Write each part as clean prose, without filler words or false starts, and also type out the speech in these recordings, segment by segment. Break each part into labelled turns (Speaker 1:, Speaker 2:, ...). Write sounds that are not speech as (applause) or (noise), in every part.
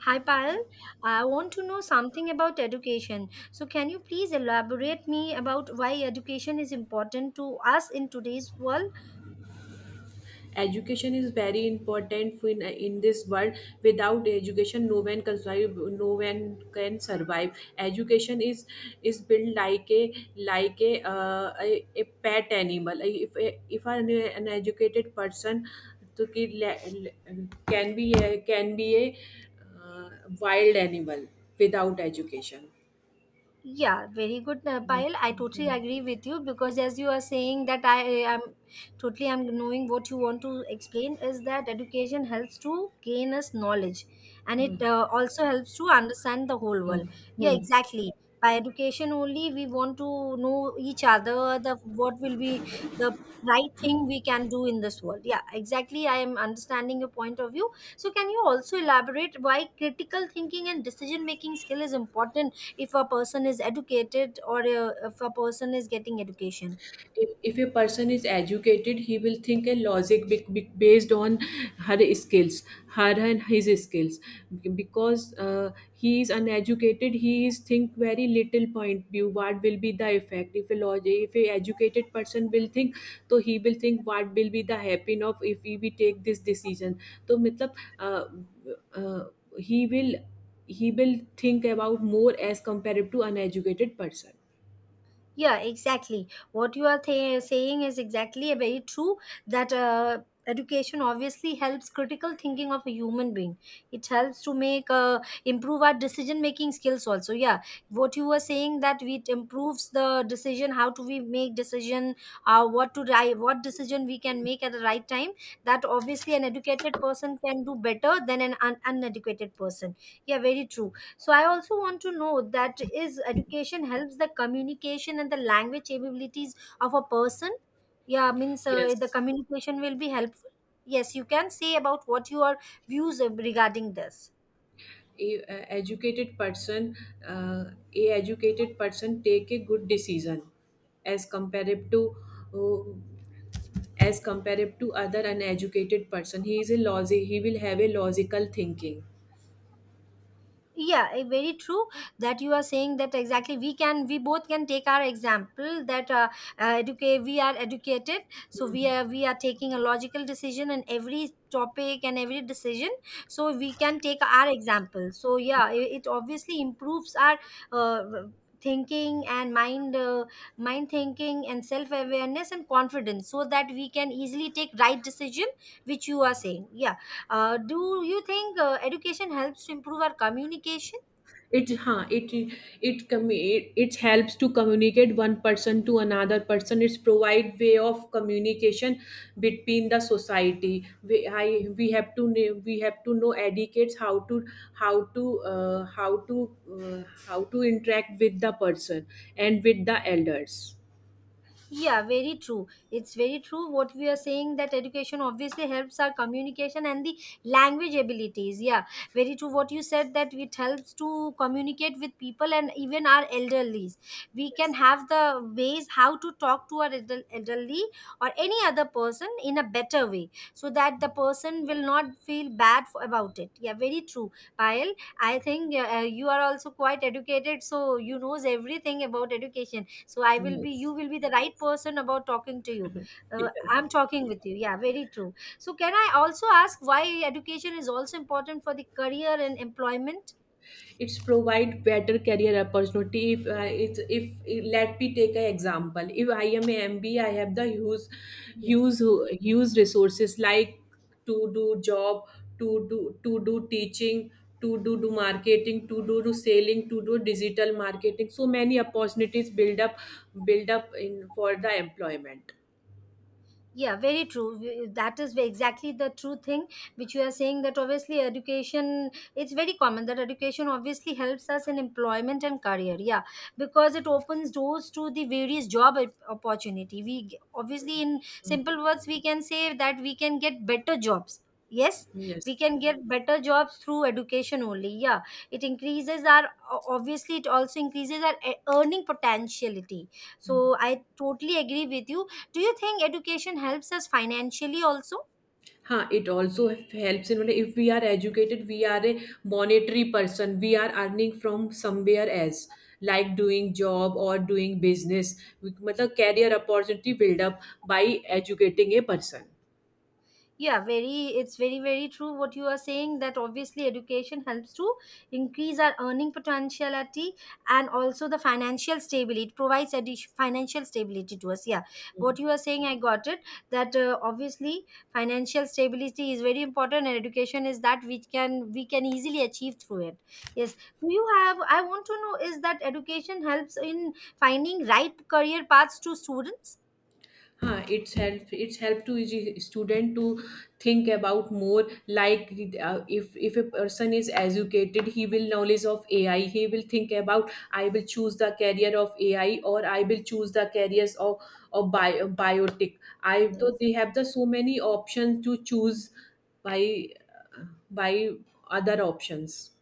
Speaker 1: Hi Payal, I want to know something about education. So can you please elaborate me about why education is important to us in today's world?
Speaker 2: Education is very important in in this world. Without education, no one can survive, no one can survive. Education is built like a pet animal. If an educated person to ki- le- le- can be a uh, wild animal without education.
Speaker 1: Yeah, very good,
Speaker 2: Hmm,
Speaker 1: Payal. I
Speaker 2: hmm,
Speaker 1: totally
Speaker 2: hmm,
Speaker 1: agree with you because as you are saying that I am totally I'm knowing what you want to explain is that education helps to gain us knowledge and it
Speaker 2: hmm,
Speaker 1: also helps to understand the whole
Speaker 2: hmm.
Speaker 1: world. Yeah,
Speaker 2: Hmm.
Speaker 1: exactly. By education only we want to know each other the what will be the right thing we can do in this world. Yeah, exactly. I am understanding your point of view. So can you also elaborate why critical thinking and decision making skill is important if a person is educated or if a person is getting education.
Speaker 2: If a person is educated, he will think a logic based on her skills, her and his skills. Because he is uneducated, he is think very little point view. What will be the effect if a logic, if a educated person will think? So he will think what will be the happen of if we take this decision. So matlab, uh, he will he will think about more as compared to uneducated person.
Speaker 1: Yeah, exactly what you are saying is exactly very true, that education obviously helps critical thinking of a human being. It helps to make improve our decision making skills also. Yeah, what you were saying that it improves the decision how to we make decision, what to drive what decision we can make at the right time, that obviously an educated person can do better than an uneducated person. Yeah, very true. So I also want to know that is education helps the communication and the language abilities of a person. Yeah, means the
Speaker 2: Yes.
Speaker 1: communication will be helpful. Yes, you can say about what your views regarding this.
Speaker 2: A, a educated person uh, a educated person take a good decision as compared to uh, as compared to other uneducated person. He is a logic, he will have a logical thinking.
Speaker 1: Yeah, very true that you are saying, that exactly we both can take our example that educate we are educated, so we are taking a logical decision in every topic and every decision. So we can take our example. So yeah, it obviously improves our uh, thinking and mind, mind thinking and self awareness and confidence so that we can easily take right decision, which you are saying. Yeah, do you think education helps to improve our communication?
Speaker 2: It huh it it commu- it it helps to communicate one person to another person. It's provide way of communication between the society. We have to know etiquettes how to how to uh, how to how to interact with the person and with the elders.
Speaker 1: Yeah, very true. It's very true what we are saying, that education obviously helps our communication and the language abilities. Yeah, very true what you said, that it helps to communicate with people and even our elderlies. We can
Speaker 2: Yes.
Speaker 1: have the ways how to talk to our elderly or any other person in a better way so that the person will not feel bad for, about it. Yeah, very true. Payal, I think you are also quite educated, so you knows everything about education. So I will be you will be the right person about talking to you, I'm talking with you. Yeah, very true. So can I also ask why education is also important for the career and employment.
Speaker 2: It's provide better career opportunity. If let me take an example, if I am a MBA, I have the use use resources like to do job, to do teaching, to do marketing, to do selling, to do digital marketing. So many opportunities build up in for the employment.
Speaker 1: Yeah, very true. That is exactly the true thing which you are saying, that obviously education, it's very common that education obviously helps us in employment and career. Yeah, because it opens doors to the various opportunity. Obviously in simple words we can say that we can get better jobs. Yes, we
Speaker 2: Yes.
Speaker 1: can get better jobs through education only. Yeah, it increases our obviously it also increases our earning potentiality. So I totally agree with you. Do you think education helps us financially also?
Speaker 2: हाँ, it also helps in मतलब, if we are educated, we are a monetary person, we are earning from somewhere else like doing job or doing business. We, मतलब, career opportunity build up by educating a person.
Speaker 1: Yeah, very, it's very very true what you are saying, that obviously education helps to increase our earning potentiality and also the financial stability. It provides financial stability to us. Yeah, what you are saying I got it, that obviously financial stability is very important and education is that which can we can easily achieve through it. Yes, do you have, I want to know, is that education helps in finding right career paths to students?
Speaker 2: It's help to each student to think about more like, if a person is educated, he will knowledge of AI. He will think about, I will choose the career of AI, or I will choose the careers of bio, biotech. I though
Speaker 1: Yes.
Speaker 2: they have the so many options to choose by by other options.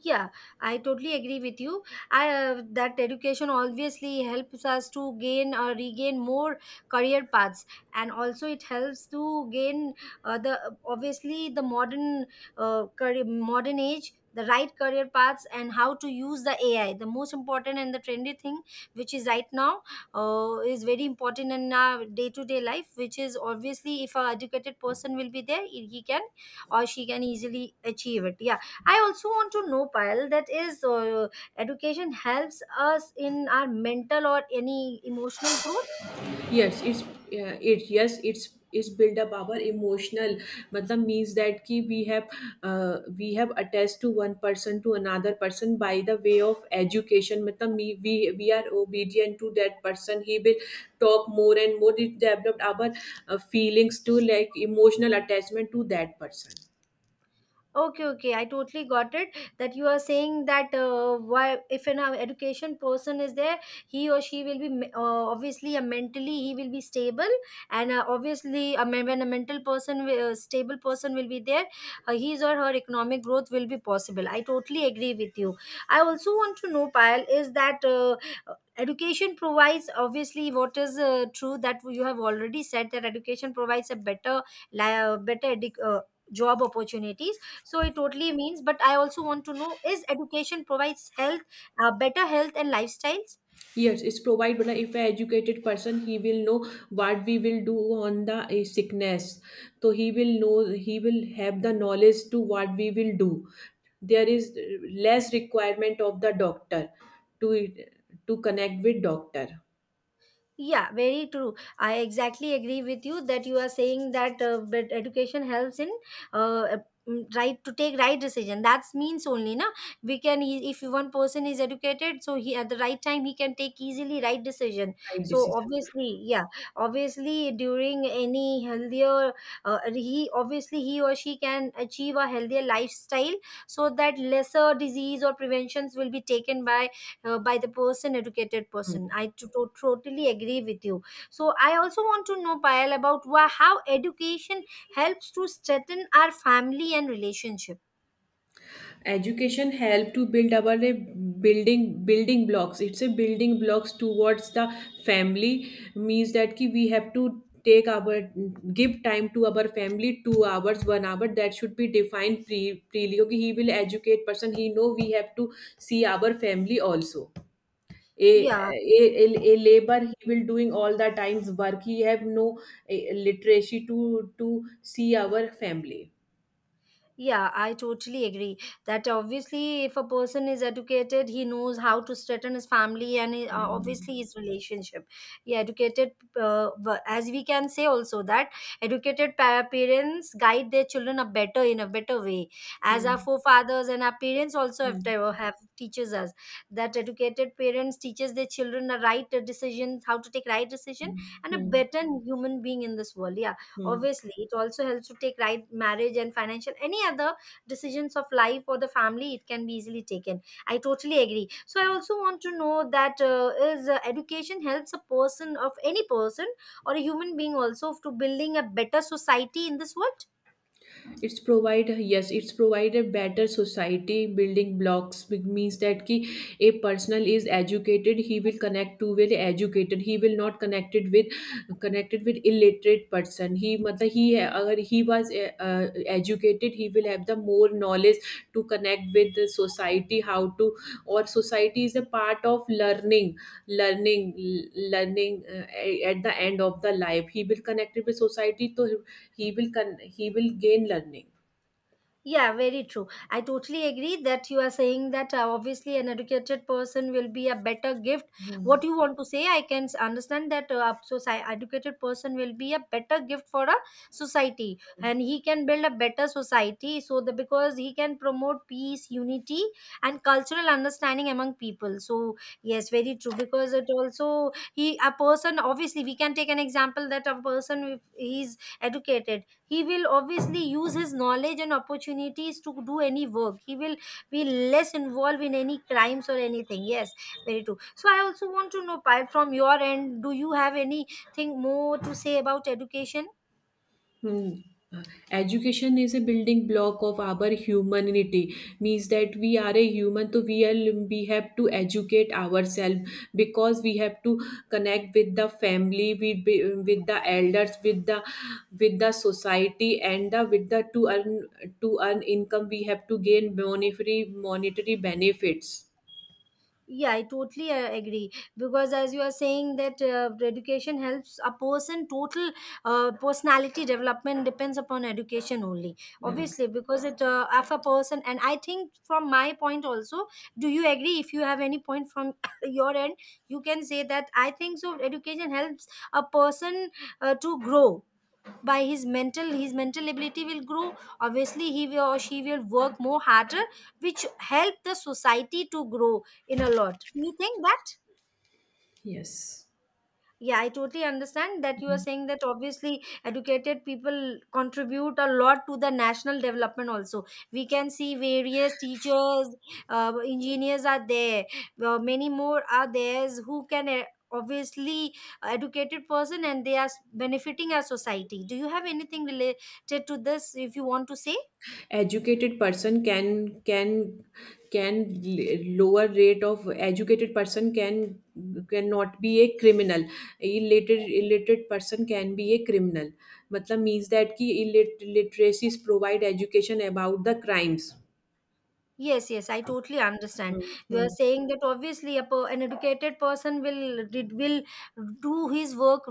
Speaker 1: Yeah, I totally agree with you. I That education obviously helps us to gain or regain more career paths, and also it helps to gain the obviously the modern modern age, the right career paths and how to use the AI. The most important and the trendy thing which is right now is very important in our day to day life, which is obviously if a educated person will be there, he can or she can easily achieve it. Yeah, I also want to know, Payal, that is, education helps us in our mental or any emotional growth.
Speaker 2: Yes, it's it yes, it's build up our emotional. I mean, means that ki we have attached to one person to another person by the way of education. I mean, we are obedient to that person. He will talk more and more. It developed our feelings to like emotional attachment to that person.
Speaker 1: Okay, okay, I totally got it, that you are saying that why, if an education person is there, he or she will be obviously a mentally he will be stable, and obviously a when a mental person, stable person will be there, his or her economic growth will be possible. I totally agree with you. I also want to know, Payal, is that education provides obviously what is true, that you have already said that education provides a better, better job opportunities. So it totally means, but I also want to know, is education provides health, better health and lifestyles.
Speaker 2: Yes, it's provide, but if an educated person, he will know what we will do on the sickness. So he will know, he will have the knowledge to what we will do. There is less requirement of the doctor to to connect with doctor.
Speaker 1: Yeah, very true. I exactly agree with you, that you are saying that but education helps in uh, right to take right decision. That means only, na, we can if one person is educated, so he at the right time he can take easily right decision.
Speaker 2: Right
Speaker 1: So
Speaker 2: decision.
Speaker 1: obviously, yeah, obviously during any healthier, he or she can achieve a healthier lifestyle so that lesser disease or preventions will be taken by the person, educated person. Totally agree with you. So I also want to know, Payal, about how education helps to strengthen our family and relationship.
Speaker 2: Education help to build our building blocks, it's a building blocks towards the family. Means that ki we have to take our give time to our family, 2 hours, one hour, that should be defined prely. Okay, he will educate person, he know we have to see our family also. a,
Speaker 1: Yeah.
Speaker 2: a, a, a labor, he will doing all the times work, he have no literacy to see our family.
Speaker 1: Yeah, I totally agree that obviously, if a person is educated, he knows how to strengthen his family and
Speaker 2: Hmm.
Speaker 1: obviously his relationship. Yeah, educated, as we can say also that educated parents guide their children a better in a better way, as our
Speaker 2: Hmm.
Speaker 1: forefathers and our parents also have
Speaker 2: Hmm.
Speaker 1: to have teaches us that educated parents teaches their children the right decisions, how to take right decision,
Speaker 2: Hmm.
Speaker 1: and a
Speaker 2: Hmm.
Speaker 1: better human being in this world. Yeah,
Speaker 2: Hmm.
Speaker 1: obviously it also helps to take right marriage and financial any other decisions of life or the family. It can be easily taken. I totally agree. So I also want to know that is education helps a person of any person or a human being also to building a better society in this world.
Speaker 2: It's provide, yes, it's provide a better society building blocks. It means that ki a person is educated, he will connect to well educated. He will not connected with illiterate person. He मतलब, he है, अगर he was educated, he will have the more knowledge to connect with the society how to, or society is a part of learning, learning at the end of the life he will connect with society. So he will gain learning.
Speaker 1: Yeah, very true. I totally agree that you are saying that obviously an educated person will be a better gift. What you want to say, I can understand that educated person will be a better gift for a society, and he can build a better society. So the because he can promote peace, unity, and cultural understanding among people. So yes, very true. Because it also, he, a person, obviously we can take an example that a person, if he's educated, he will obviously use his knowledge and opportunities to do any work. He will be less involved in any crimes or anything. Yes, very true. So I also want to know, Payal, from your end, do you have anything more to say about education?
Speaker 2: Hmm. Uh, Education is a building block of our humanity. Means that we are a human, so we have to educate ourselves, because we have to connect with the family, with the elders, with the society, and the with the to earn income. We have to gain monetary benefits.
Speaker 1: Yeah, I totally agree because as you are saying that education helps a person total personality development depends upon education only.
Speaker 2: Yes.
Speaker 1: Obviously, because it of a person. And I think from my point also, do you agree? If you have any point from (coughs) your end, you can say. That I think so, education helps a person to grow. By his mental ability will grow, obviously he will, or she will work more harder, which help the society to grow in a lot. Do you think that?
Speaker 2: Yes.
Speaker 1: Yeah, I totally understand that you are saying, that obviously educated people contribute a lot to the national development also. We can see various teachers, engineers are there, many more are there who can obviously educated person and they are benefiting our society. Do you have anything related to this if you want to say?
Speaker 2: Educated person can lower rate of educated person cannot be a criminal. Illiterate person can be a criminal. मतलब, means that कि literacies provide education about the crimes.
Speaker 1: Yes, yes, I totally understand.
Speaker 2: Hmm,
Speaker 1: You are
Speaker 2: hmm,
Speaker 1: saying that obviously a per, an educated person will do his work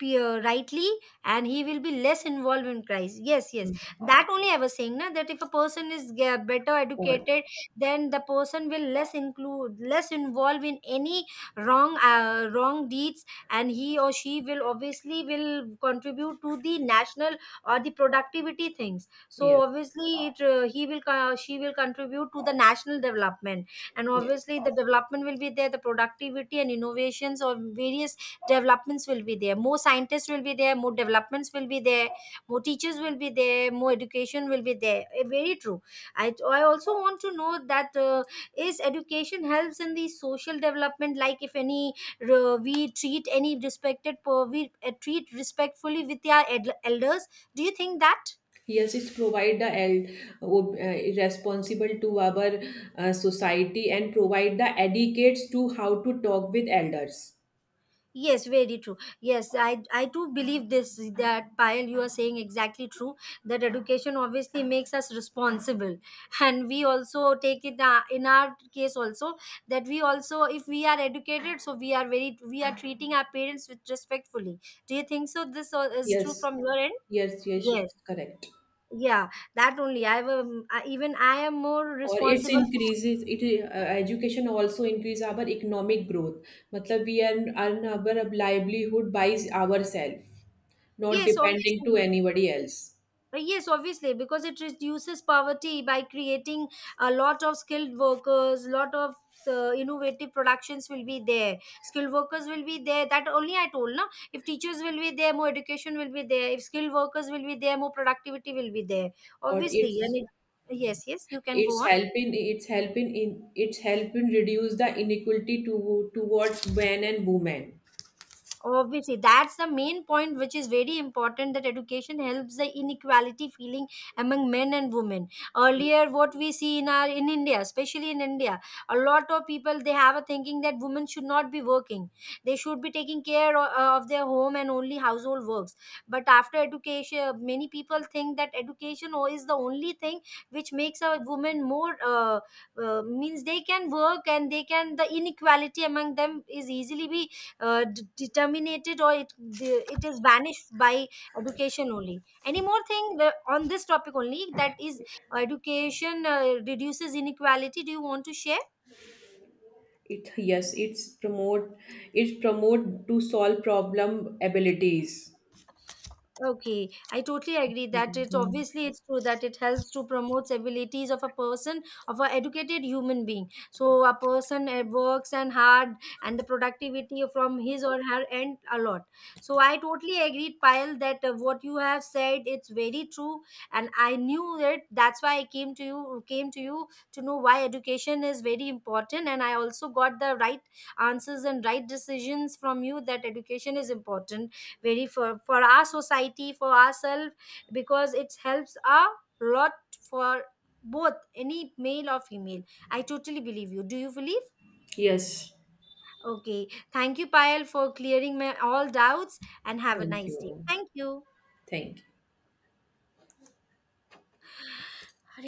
Speaker 1: rightly, and he will be less involved in crisis. Yes, yes,
Speaker 2: hmm.
Speaker 1: that only I was saying, na, that if a person is better
Speaker 2: Or.
Speaker 1: educated, then the person will less involved in any wrong wrong deeds, and he or she will obviously will contribute to the national or the productivity things.
Speaker 2: Yes,
Speaker 1: So obviously it, he will co- she will contribute to the national development, and
Speaker 2: yes,
Speaker 1: obviously the development will be there, the productivity and innovations or various developments will be there, more scientists will be there, more developments will be there, more teachers will be there, more education will be there. Very true. I also want to know that is education helps in the social development, like if any we treat any respected per- we treat respectfully with their elders. Do you think that?
Speaker 2: yes, it's provide the responsible to our society, and provide the educates to how to talk with elders.
Speaker 1: Yes, very true. Yes, I do believe this, that Payal, you are saying exactly true. That education obviously makes us responsible, and we also take it in our case also, that we also if we are educated, so we are very we are treating our parents with respectfully. Do you think so? This all is true
Speaker 2: Yes,
Speaker 1: from your end?
Speaker 2: yes, yes,
Speaker 1: Yes.
Speaker 2: it's correct.
Speaker 1: Yeah, that only. I have I am more
Speaker 2: और it's
Speaker 1: responsible. To,
Speaker 2: increases it education also increase our economic growth. मतलब, we earn our livelihood by ourselves, not
Speaker 1: yes,
Speaker 2: depending to
Speaker 1: obviously.
Speaker 2: anybody else.
Speaker 1: Yes, obviously, because it reduces poverty by creating a lot of skilled workers, lot of innovative productions will be there. Skilled workers will be there. That only I told, na. If teachers will be there, more education will be there. If skilled workers will be there, more productivity will be there.
Speaker 2: Or
Speaker 1: Obviously, and it, yes, yes, you can go
Speaker 2: it's
Speaker 1: on.
Speaker 2: helping it's helping in it's helping reduce the inequality to towards men and women.
Speaker 1: Obviously, that's the main point, which is very important, that education helps the inequality feeling among men and women. Earlier, what we see in India, especially in India, a lot of people they have a thinking that women should not be working; they should be taking care of their home and only household works. But after education, many people think that is the only thing which makes a woman more means they can work, and they can, the inequality among them is easily be determinated, or it it is vanished by education only. Any more thing on this topic only, that is education reduces inequality? Do you want to share?
Speaker 2: It Yes, it promote to solve problem abilities.
Speaker 1: Okay, I totally agree that it's
Speaker 2: Mhm.
Speaker 1: obviously, it's true that it helps to promote abilities of a person, of a educated human being. So a person works and hard, and the productivity from his or her end a lot. So I totally agreed, Payal, that what you have said it's very true, and I knew it. That's why I came to you to know why education is very important, and I also got the right answers and right decisions from you, that education is important very for our society, for ourselves, because it helps a lot for both any male or female. I totally believe you. Do you believe?
Speaker 2: Yes.
Speaker 1: Okay, thank you, Payal, for clearing my all doubts and have a
Speaker 2: Thank
Speaker 1: nice day.
Speaker 2: you.
Speaker 1: Thank you.
Speaker 2: Thank you.
Speaker 1: Hare.